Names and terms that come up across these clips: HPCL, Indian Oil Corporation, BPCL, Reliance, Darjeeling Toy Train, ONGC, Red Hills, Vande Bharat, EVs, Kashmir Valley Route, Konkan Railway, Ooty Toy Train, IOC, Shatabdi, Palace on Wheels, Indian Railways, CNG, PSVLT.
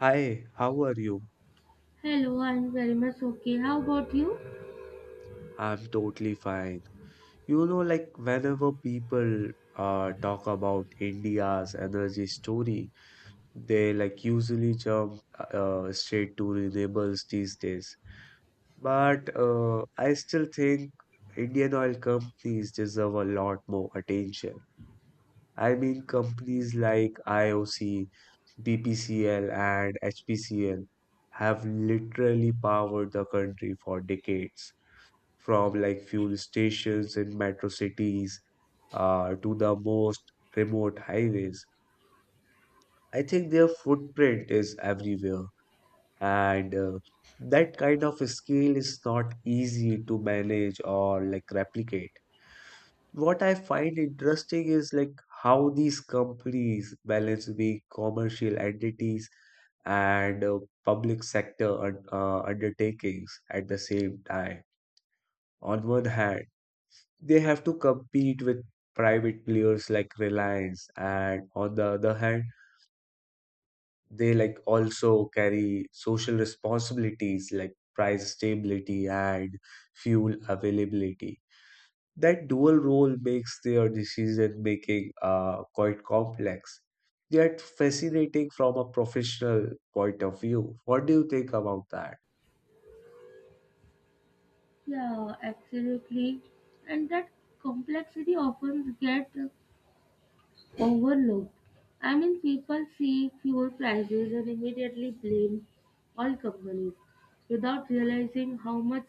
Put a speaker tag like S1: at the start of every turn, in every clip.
S1: Hi, how are you?
S2: Hello, I'm very much okay. How about you?
S1: I'm totally fine. You know, like whenever people talk about India's energy story, they like usually jump straight to renewables these days. But I still think Indian oil companies deserve a lot more attention. I mean, companies like IOC, BPCL, and HPCL have literally powered the country for decades from like fuel stations in metro cities to the most remote highways. I think their footprint is everywhere, and that kind of scale is not easy to manage or like replicate. What I find interesting is like how these companies balance the commercial entities and public sector undertakings at the same time. On one hand, they have to compete with private players like Reliance, and on the other hand, they like also carry social responsibilities like price stability and fuel availability. That dual role makes their decision making quite complex, yet fascinating from a professional point of view. What do you think about that?
S2: Yeah, absolutely. And that complexity often gets overlooked. People see fuel prices and immediately blame oil companies without realizing how much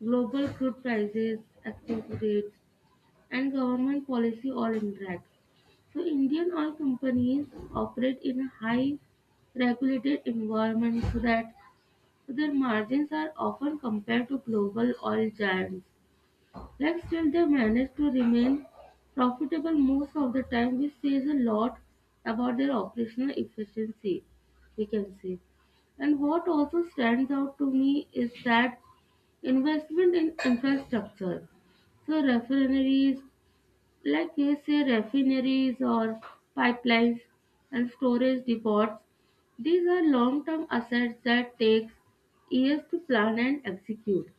S2: global crude prices, exchange rates, and government policy all interact. So, Indian oil companies operate in a high regulated environment so that their margins are often compared to global oil giants, yet still they manage to remain profitable most of the time, which says a lot about their operational efficiency, we can say. And what also stands out to me is that investment in infrastructure. So refineries, like you say, refineries or pipelines and storage depots, these are long term assets that takes years to plan and execute,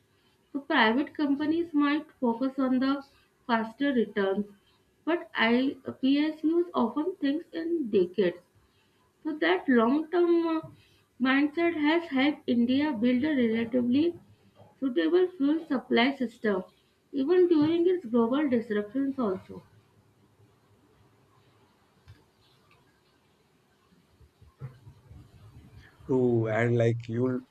S2: so private companies might focus on the faster returns, but IPS psus often thinks in decades. So that long term mindset has helped india build a relatively suitable fuel supply system even during its global disruptions also.
S1: True, and like you,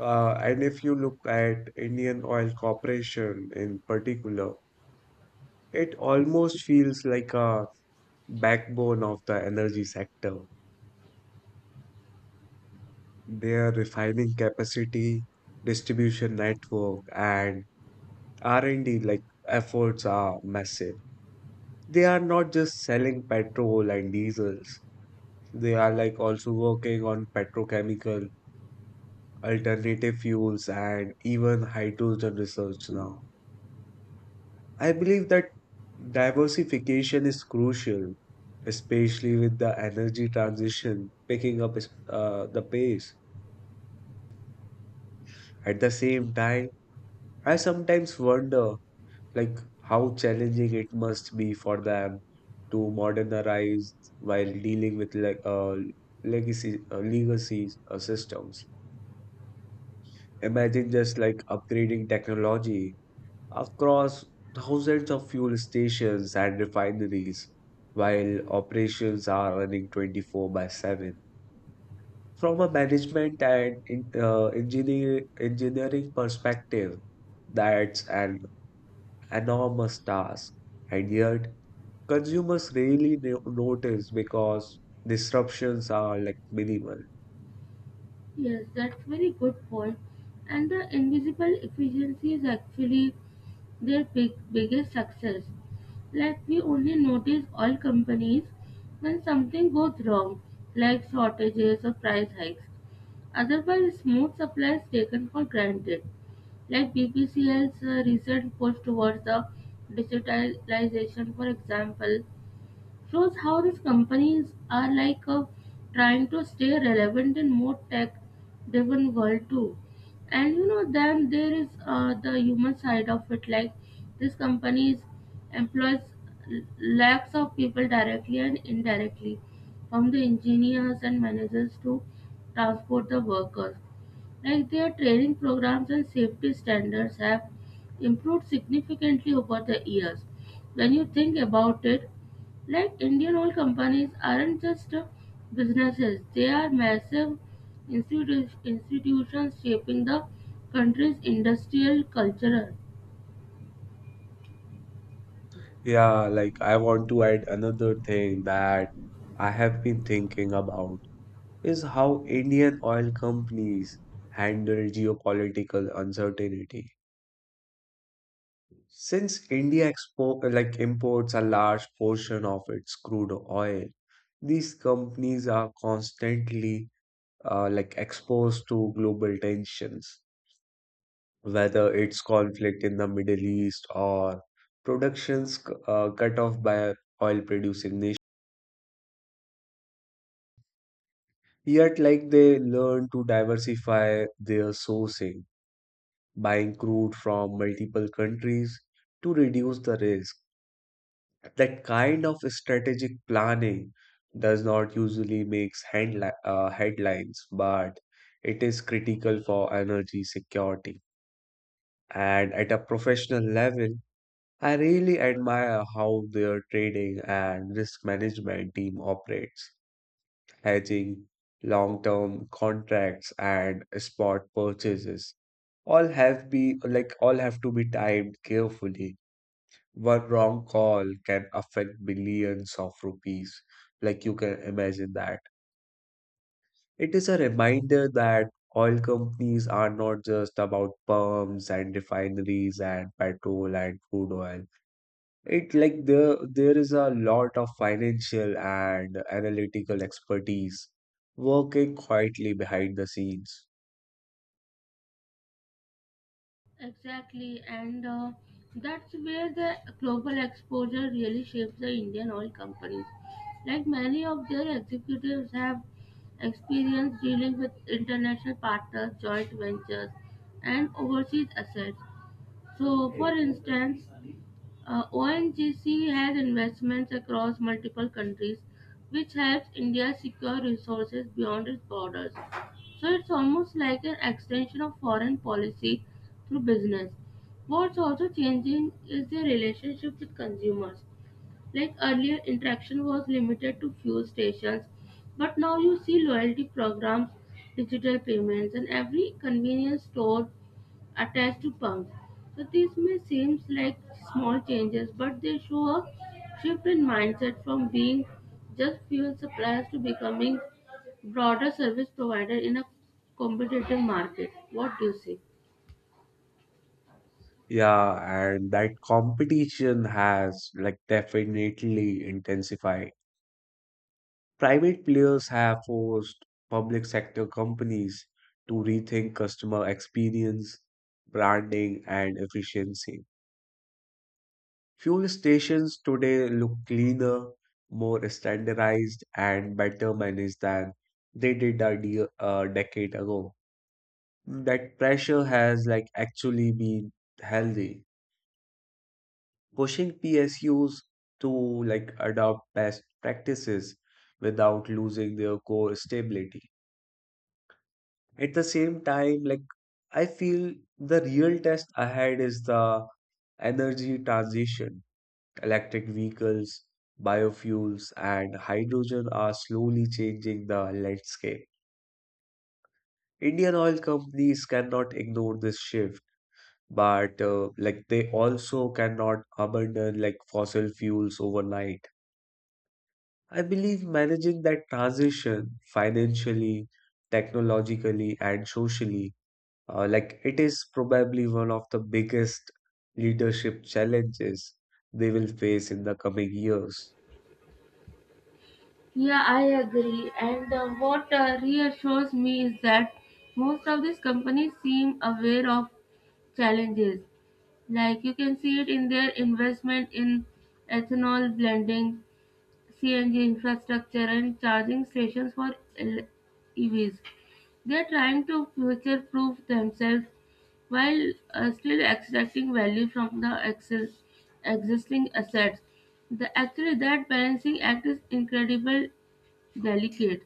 S1: and if you look at Indian Oil Corporation in particular, it almost feels like a backbone of the energy sector. Their refining capacity, distribution network, and R&D like efforts are massive. They are not just selling petrol and diesels. They are like also working on petrochemical, alternative fuels, and even hydrogen research now. I believe that diversification is crucial, especially with the energy transition picking up the pace. At the same time, I sometimes wonder like how challenging it must be for them to modernize while dealing with like legacy legacies systems. Imagine just like upgrading technology across thousands of fuel stations and refineries, while operations are running 24 by 7. From a management and engineering perspective, that's an enormous task, and yet consumers rarely notice because disruptions are like minimal.
S2: Yes, that's very good point. And the invisible efficiency is actually their biggest success. Like we only notice all companies when something goes wrong, like shortages or price hikes. Otherwise, smooth supply is taken for granted. Like BPCL's recent push towards the digitalization, for example, shows how these companies are like trying to stay relevant in more tech driven world too. And then there is the human side of it, like these companies employs l- lakhs of people directly and indirectly, from the engineers and managers to transport the workers, like their training programs and safety standards have improved significantly over the years. When you think about it, like Indian oil companies aren't just businesses, they are massive institutions shaping the country's industrial culture.
S1: Yeah, like I want to add another thing that I have been thinking about is how Indian oil companies handle geopolitical uncertainty. Since India like imports a large portion of its crude oil, these companies are constantly like exposed to global tensions, whether it's conflict in the Middle East or productions cut off by oil producing nations. Yet, like they learn to diversify their sourcing, buying crude from multiple countries to reduce the risk. That kind of strategic planning does not usually make headlines, but it is critical for energy security. And at a professional level, I really admire how their trading and risk management team operates. Hedging, long-term contracts, and spot purchases all have to be timed carefully. One wrong call can affect billions of rupees. Like you can imagine that. It is a reminder that oil companies are not just about pumps and refineries and petrol and crude oil. It like there is a lot of financial and analytical expertise working quietly behind the scenes.
S2: Exactly, and that's where the global exposure really shapes the Indian oil companies. Like many of their executives have experience dealing with international partners, joint ventures, and overseas assets. So, for instance, ONGC has investments across multiple countries, which helps India secure resources beyond its borders. So it's almost like an extension of foreign policy through business. What's also changing is their relationship with consumers. Like earlier, interaction was limited to fuel stations, but now you see loyalty programs, digital payments, and every convenience store attached to pumps. So these may seem like small changes, but they show a shift in mindset from being just fuel suppliers to becoming broader service provider in a competitive market. What do you say?
S1: Yeah, and that competition has like definitely intensified. Private players have forced public sector companies to rethink customer experience, branding, and efficiency. Fuel stations today look cleaner, more standardized, and better managed than they did a decade ago. That pressure has like actually been healthy, pushing PSUs to like adopt best practices without losing their core stability. At the same time, like I feel the real test ahead is the energy transition. Electric vehicles, biofuels, and hydrogen are slowly changing the landscape. Indian oil companies cannot ignore this shift, but like they also cannot abandon like fossil fuels overnight. I believe managing that transition financially, technologically, and socially, like it is probably one of the biggest leadership challenges they will face in the coming years.
S2: Yeah, I agree. And what reassures me is that most of these companies seem aware of challenges. Like you can see it in their investment in ethanol blending, CNG infrastructure and charging stations for EVs. They are trying to future proof themselves while still extracting value from the existing assets. The actually that balancing act is incredible delicate.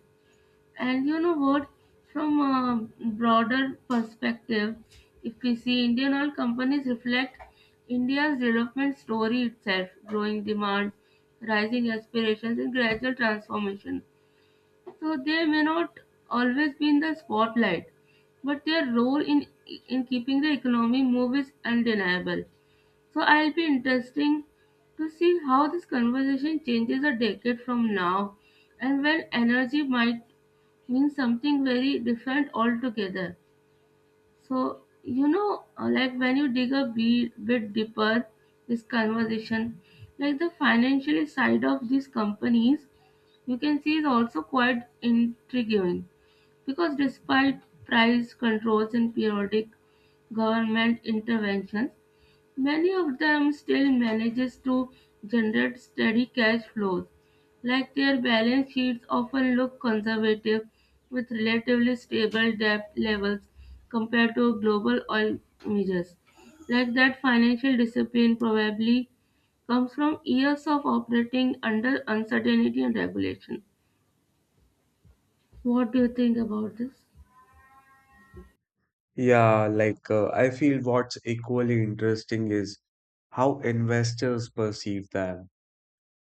S2: And you know what? From a broader perspective, if we see Indian oil companies reflect India's development story itself, growing demand, rising aspirations, and gradual transformation. So they may not always be in the spotlight, but their role in keeping the economy move is undeniable. So I'll be interesting to see how this conversation changes a decade from now, and when energy might means something very different altogether. So, like when you dig a bit deeper, this conversation, like the financial side of these companies, you can see is also quite intriguing, because despite price controls and periodic government interventions, many of them still manages to generate steady cash flows, like their balance sheets often look conservative with relatively stable debt levels compared to global oil majors. Like that financial discipline probably comes from years of operating under uncertainty and regulation. What do you think about this?
S1: Yeah, like I feel what's equally interesting is how investors perceive them.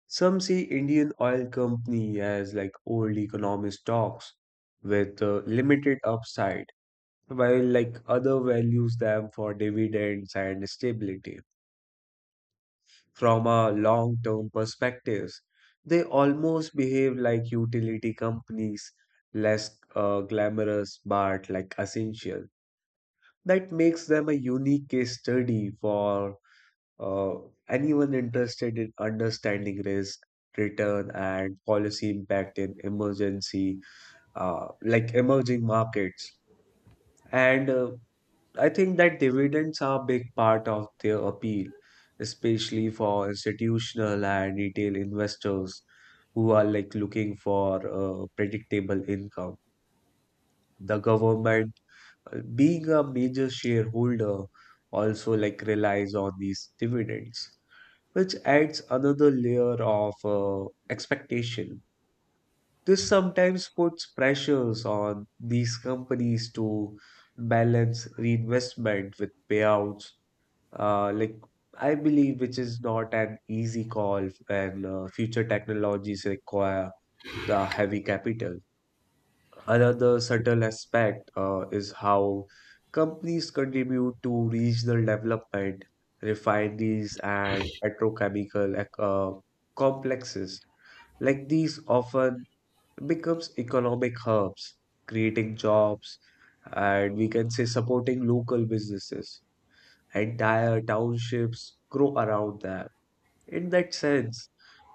S1: Some see Indian oil company as like old economic stocks with limited upside, while like other values them for dividends and stability, from a long term perspectives. They almost behave like utility companies, less glamorous but like essential. That makes them a unique case study for uh, anyone interested in understanding risk, return, and policy impact in emergency, like emerging markets. And I think that dividends are a big part of their appeal, especially for institutional and retail investors who are like looking for a predictable income. The government, being a major shareholder, also like relies on these dividends, which adds another layer of expectation. This sometimes puts pressures on these companies to balance reinvestment with payouts. Like I believe, which is not an easy call when future technologies require the heavy capital. Another subtle aspect is how companies contribute to regional development, refineries, and petrochemical complexes. Like these often becomes economic hubs, creating jobs, and we can say supporting local businesses. Entire townships grow around them. In that sense,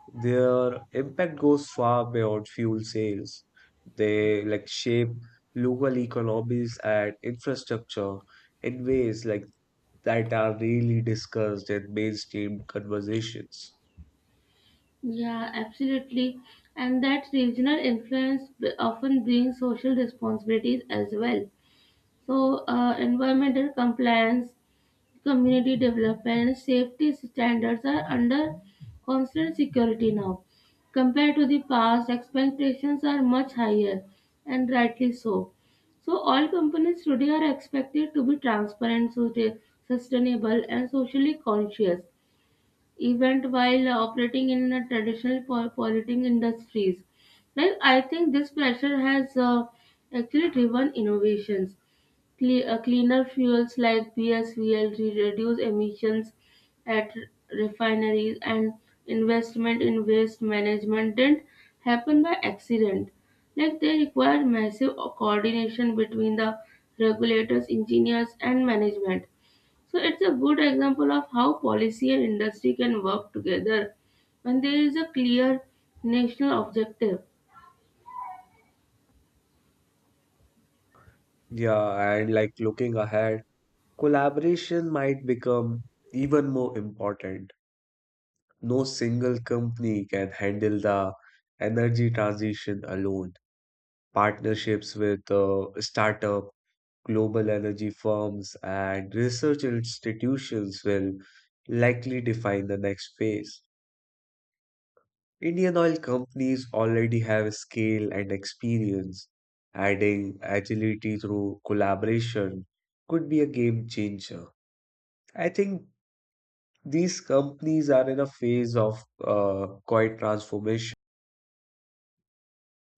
S1: their impact goes far beyond fuel sales. They like shape local economies and infrastructure in ways like that are really discussed in mainstream conversations.
S2: Yeah, absolutely. And that regional influence often brings social responsibilities as well. So, environmental compliance, community development, safety standards are under constant security now. Compared to the past, expectations are much higher, and rightly so. So, all companies today are expected to be transparent, sustainable, and socially conscious, even while operating in a traditional polluting industries. Like, I think this pressure has actually driven innovations. Cleaner fuels like PSVLT reduce emissions at refineries, and investment in waste management didn't happen by accident. Like they require massive coordination between the regulators, engineers, and management. So it's a good example of how policy and industry can work together when there is a clear national objective.
S1: Yeah, and like looking ahead, collaboration might become even more important. No single company can handle the energy transition alone. Partnerships with startup, global energy firms, and research institutions will likely define the next phase. Indian oil companies already have scale and experience. Adding agility through collaboration could be a game changer. I think these companies are in a phase of quiet transformation.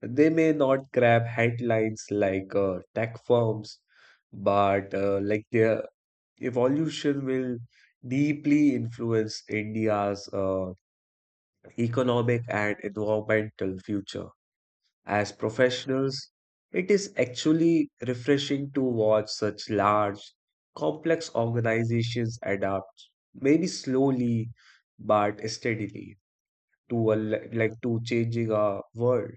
S1: They may not grab headlines like tech firms, but like their evolution will deeply influence India's economic and environmental future. As professionals, it is actually refreshing to watch such large, complex organizations adapt, maybe slowly but steadily, to like to changing our world.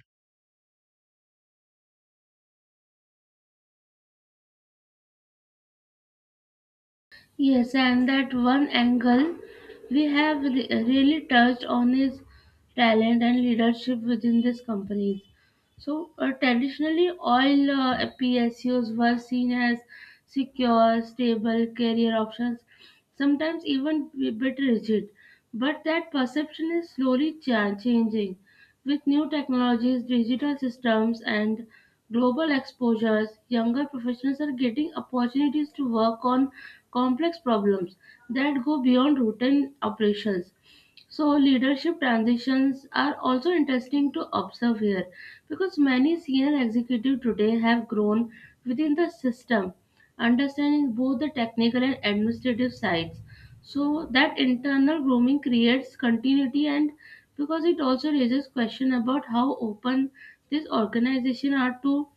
S2: Yes, and that one angle we have really touched on is talent and leadership within these companies. So, traditionally, all PSUs were seen as secure, stable career options, sometimes even a bit rigid. But that perception is slowly changing. With new technologies, digital systems, and global exposures, younger professionals are getting opportunities to work on complex problems that go beyond routine operations. So, leadership transitions are also interesting to observe here, because many senior executives today have grown within the system, understanding both the technical and administrative sides. So, that internal grooming creates continuity, and because it also raises question about how open these organizations are to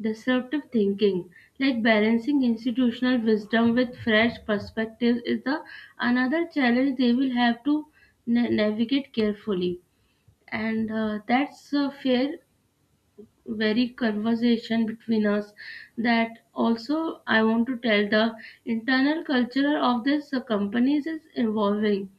S2: disruptive thinking, like balancing institutional wisdom with fresh perspectives, is the another challenge they will have to navigate carefully. And that's a fair, very conversation between us. That also, I want to tell the internal culture of these companies is evolving,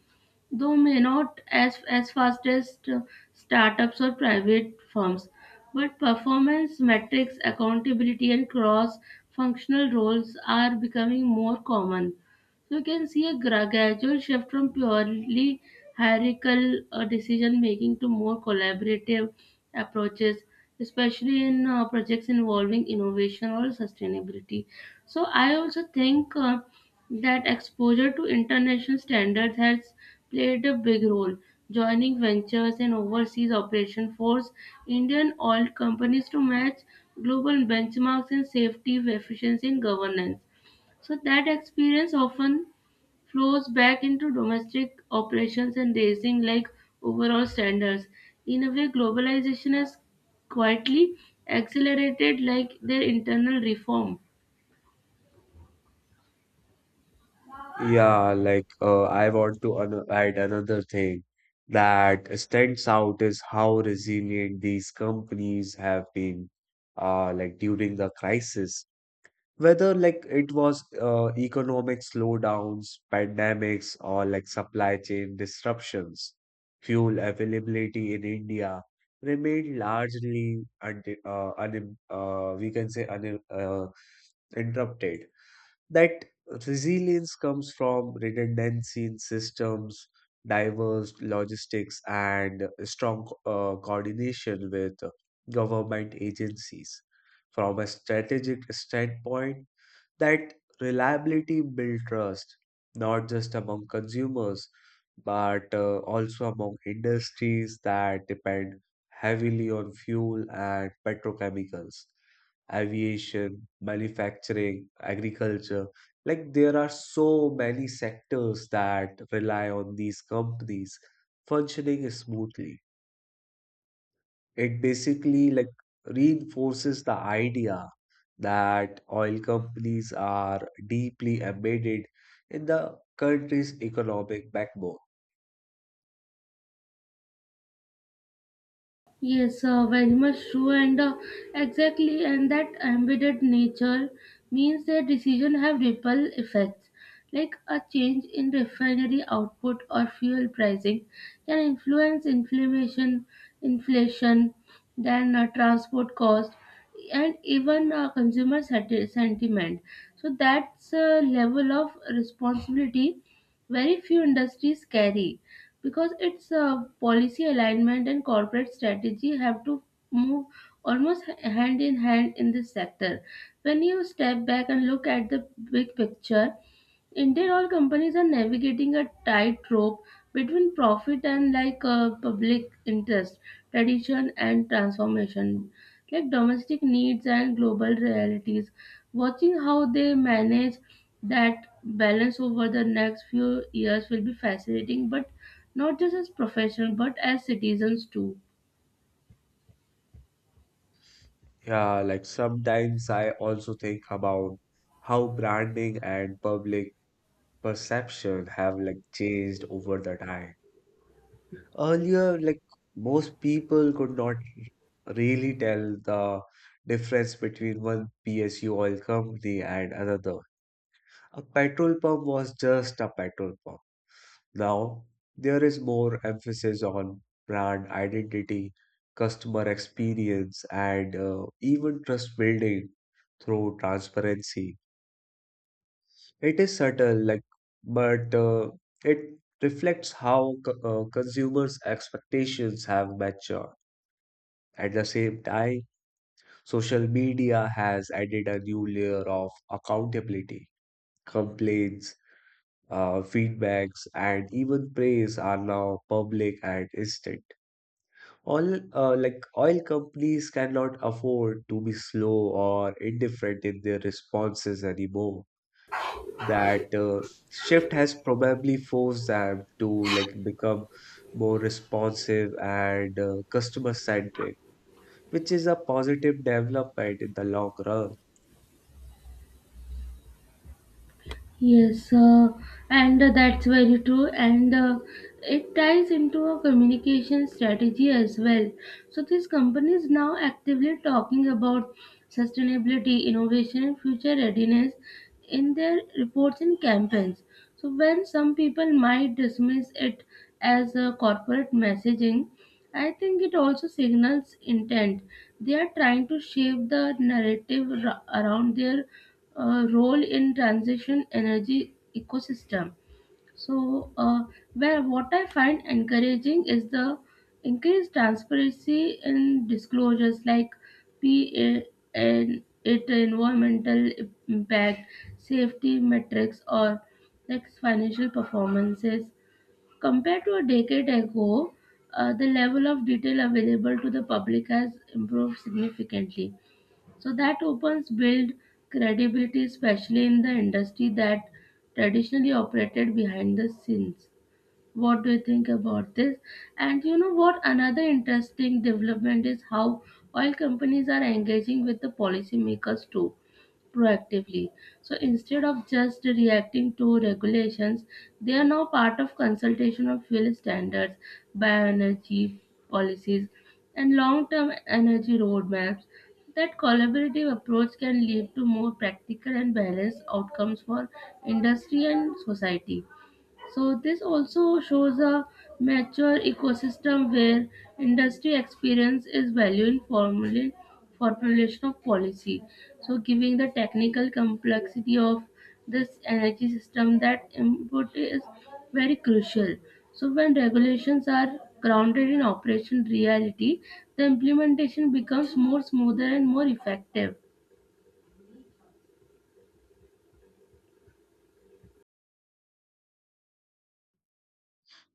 S2: though may not as fast as startups or private firms, but performance metrics accountability and cross functional roles are becoming more common. You can see a gradual shift from purely hierarchical decision making to more collaborative approaches, especially in projects involving innovation or sustainability. So, I also think that exposure to international standards has played a big role. Joining ventures and overseas operation force Indian oil companies to match global benchmarks in safety, efficiency, and governance. So that experience often flows back into domestic operations and raising like overall standards. In a way, globalization has quietly accelerated like their internal reform.
S1: Yeah, like I want to an add another thing that stands out is how resilient these companies have been, like during the crisis. Whether like it was economic slowdowns, pandemics, or like supply chain disruptions, fuel availability in India remained largely un un we can say un interrupted. That resilience comes from redundancy in systems, diverse logistics, and strong coordination with government agencies. From a strategic standpoint, that reliability built trust, not just among consumers, but also among industries that depend heavily on fuel and petrochemicals: aviation, manufacturing, agriculture. Like there are so many sectors that rely on these companies functioning smoothly. It basically like reinforces the idea that oil companies are deeply embedded in the country's economic backbone.
S2: Yes, very much true, and exactly, and that embedded nature means that decision have ripple effects, like a change in refinery output or fuel pricing can influence inflation, then transport cost, and even consumer sentiment. So that's a level of responsibility very few industries carry, because its policy alignment and corporate strategy have to move almost hand in hand in this sector. When you step back and look at the big picture, indeed, all companies are navigating a tightrope between profit and like public interest, tradition and transformation, like domestic needs and global realities. Watching how they manage that balance over the next few years will be fascinating, but not just as professionals but as citizens too.
S1: Yeah, like sometimes I also think about how branding and public perception have like changed over the time. Earlier, like most people could not really tell the difference between one PSU oil company and another. A petrol pump was just a petrol pump. Now, there is more emphasis on brand identity, customer experience, and even trust building through transparency. It is subtle, like, but it reflects how consumers' expectations have matured. At the same time, social media has added a new layer of accountability. Complaints, feedbacks, and even praise are now public and instant. All like oil companies cannot afford to be slow or indifferent in their responses anymore. That shift has probably forced them to like become more responsive and customer centric, which is a positive development in the long run.
S2: Yes, and that's very true, and it ties into a communication strategy as well. So, these companies now actively talking about sustainability, innovation, and future readiness in their reports and campaigns. So, when some people might dismiss it as a corporate messaging, I think it also signals intent. They are trying to shape the narrative around their role in transition energy ecosystem. So, where what I find encouraging is the increased transparency in disclosures like PA and it environmental impact, safety metrics, or like financial performances. Compared to a decade ago, the level of detail available to the public has improved significantly, so that opens build credibility, especially in the industry that traditionally operated behind the scenes. What do you think about this? And you know what? Another interesting development is how oil companies are engaging with the policymakers too proactively. So instead of just reacting to regulations, they are now part of consultation of fuel standards, bioenergy policies, and long term energy roadmaps. That collaborative approach can lead to more practical and balanced outcomes for industry and society. So this also shows a mature ecosystem where industry experience is valued in formulation of policy. So giving the technical complexity of this energy system, that input is very crucial. So when regulations are grounded in operation reality, the implementation becomes more smoother and more effective.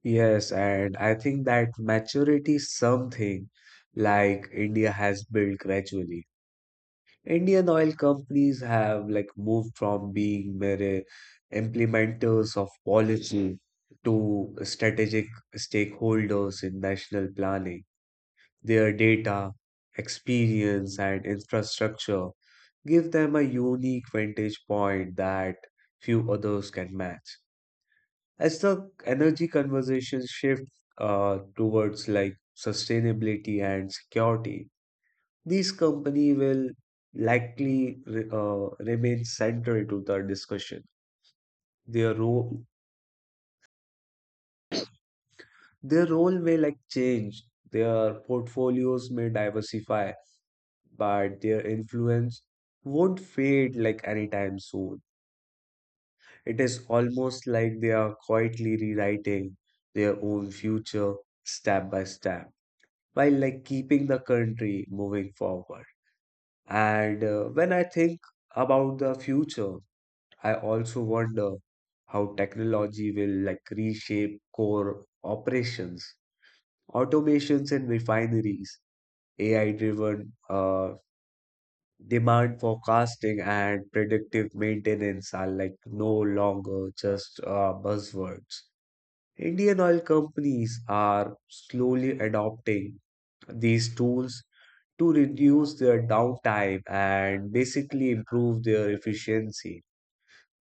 S1: Yes, and I think that maturity is something like India has built gradually. Indian oil companies have like moved from being mere implementers of policy to strategic stakeholders in national planning. Their data, experience, and infrastructure give them a unique vantage point that few others can match. As the energy conversation shifts towards like sustainability and security, these company will likely remain central to the discussion. Their role, their role may like change. Their portfolios may diversify, but their influence won't fade like anytime soon. It is almost like they are quietly rewriting their own future step by step, while like keeping the country moving forward. And when I think about the future, I also wonder how technology will like reshape core operations. Automations in refineries, AI-driven demand forecasting and predictive maintenance are like no longer just buzzwords. Indian oil companies are slowly adopting these tools to reduce their downtime and basically improve their efficiency.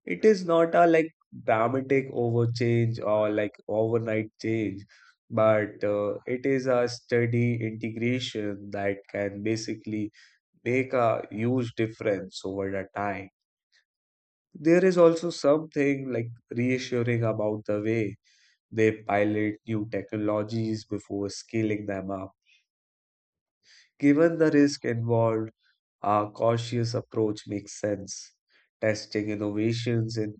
S1: It is not a like dramatic overchange or like overnight change, but it is a steady integration that can basically make a huge difference over the time. There is also something like reassuring about the way they pilot new technologies before scaling them up. Given the risk involved, a cautious approach makes sense. Testing innovations in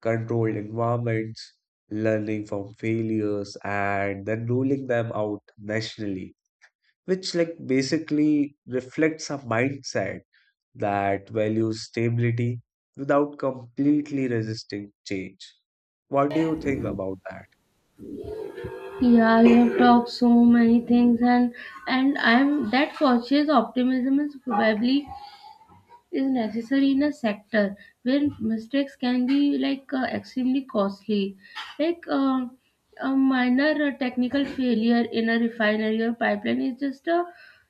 S1: controlled environments, learning from failures, and then rolling them out nationally, which like basically reflects a mindset that values stability without completely resisting change. What do you think about that?
S2: Yeah, you have talked so many things, and I'm that cautious optimism is probably is necessary in a sector where mistakes can be like extremely costly, like a minor technical failure in a refinery or pipeline is just a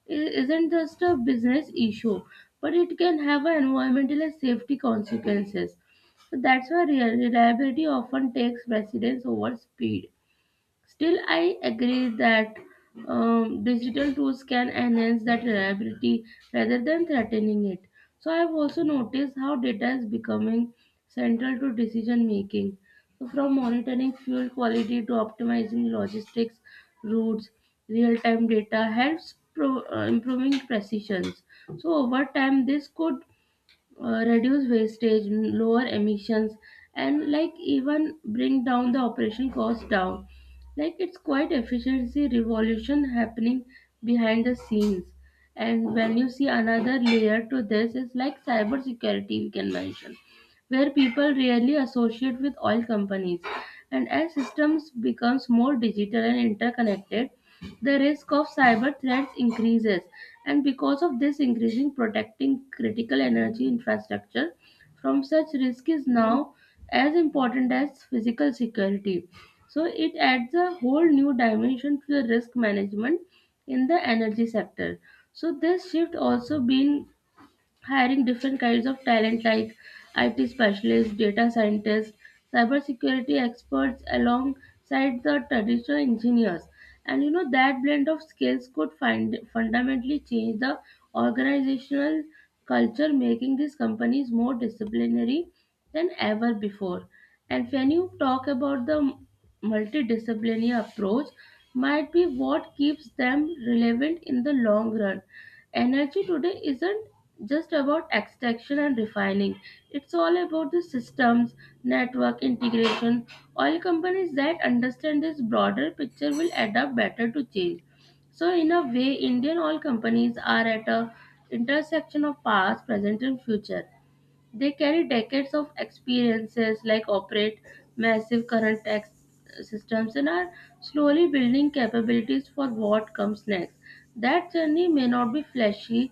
S2: isn't just a business issue, but it can have a environmental and safety consequences. So that's why real reliability often takes precedence over speed. Still, I agree that digital tools can enhance that reliability rather than threatening it. So, I've also noticed how data is becoming central to decision making. So, from monitoring fuel quality to optimizing logistics routes, real time data helps improving precision. So, over time, this could reduce wastage, lower emissions, and like even bring down the operation cost down. Like it's quite efficiency revolution happening behind the scenes. And when you see another layer to this is like cybersecurity, we can mention, where people rarely associate with oil companies. And as systems becomes more digital and interconnected, the risk of cyber threats increases. And because of this increasing, protecting critical energy infrastructure from such risk is now as important as physical security. So it adds a whole new dimension to the risk management in the energy sector. So this shift also been hiring different kinds of talent like IT specialists, data scientists, cybersecurity experts alongside the traditional engineers. And you know that blend of skills could fundamentally change the organizational culture, making these companies more disciplinary than ever before. And when you talk about the multidisciplinary approach, might be what keeps them relevant in the long run. Energy today isn't just about extraction and refining. It's all about the systems, network integration. Oil companies that understand this broader picture will adapt better to change. So in a way, Indian oil companies are at a intersection of past, present and future. They carry decades of experiences, like operate massive current tax systems, and are slowly building capabilities for what comes next. That journey may not be flashy,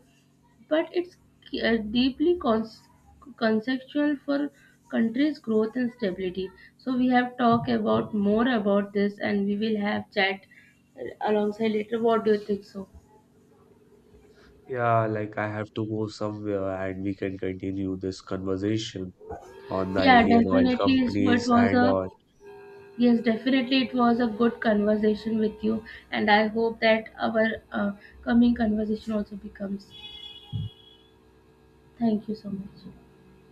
S2: but it's deeply conceptual for country's growth and stability. So we have talked about more about this, and we will have chat alongside later. What do you think? So
S1: Yeah, like I have to go somewhere and we can continue this conversation on the
S2: yeah,
S1: Indian oil
S2: definitely. So it
S1: companies
S2: was
S1: and
S2: a
S1: all.
S2: yes, definitely. It was a good conversation with you, and I hope that our coming conversation also becomes. Thank you so much.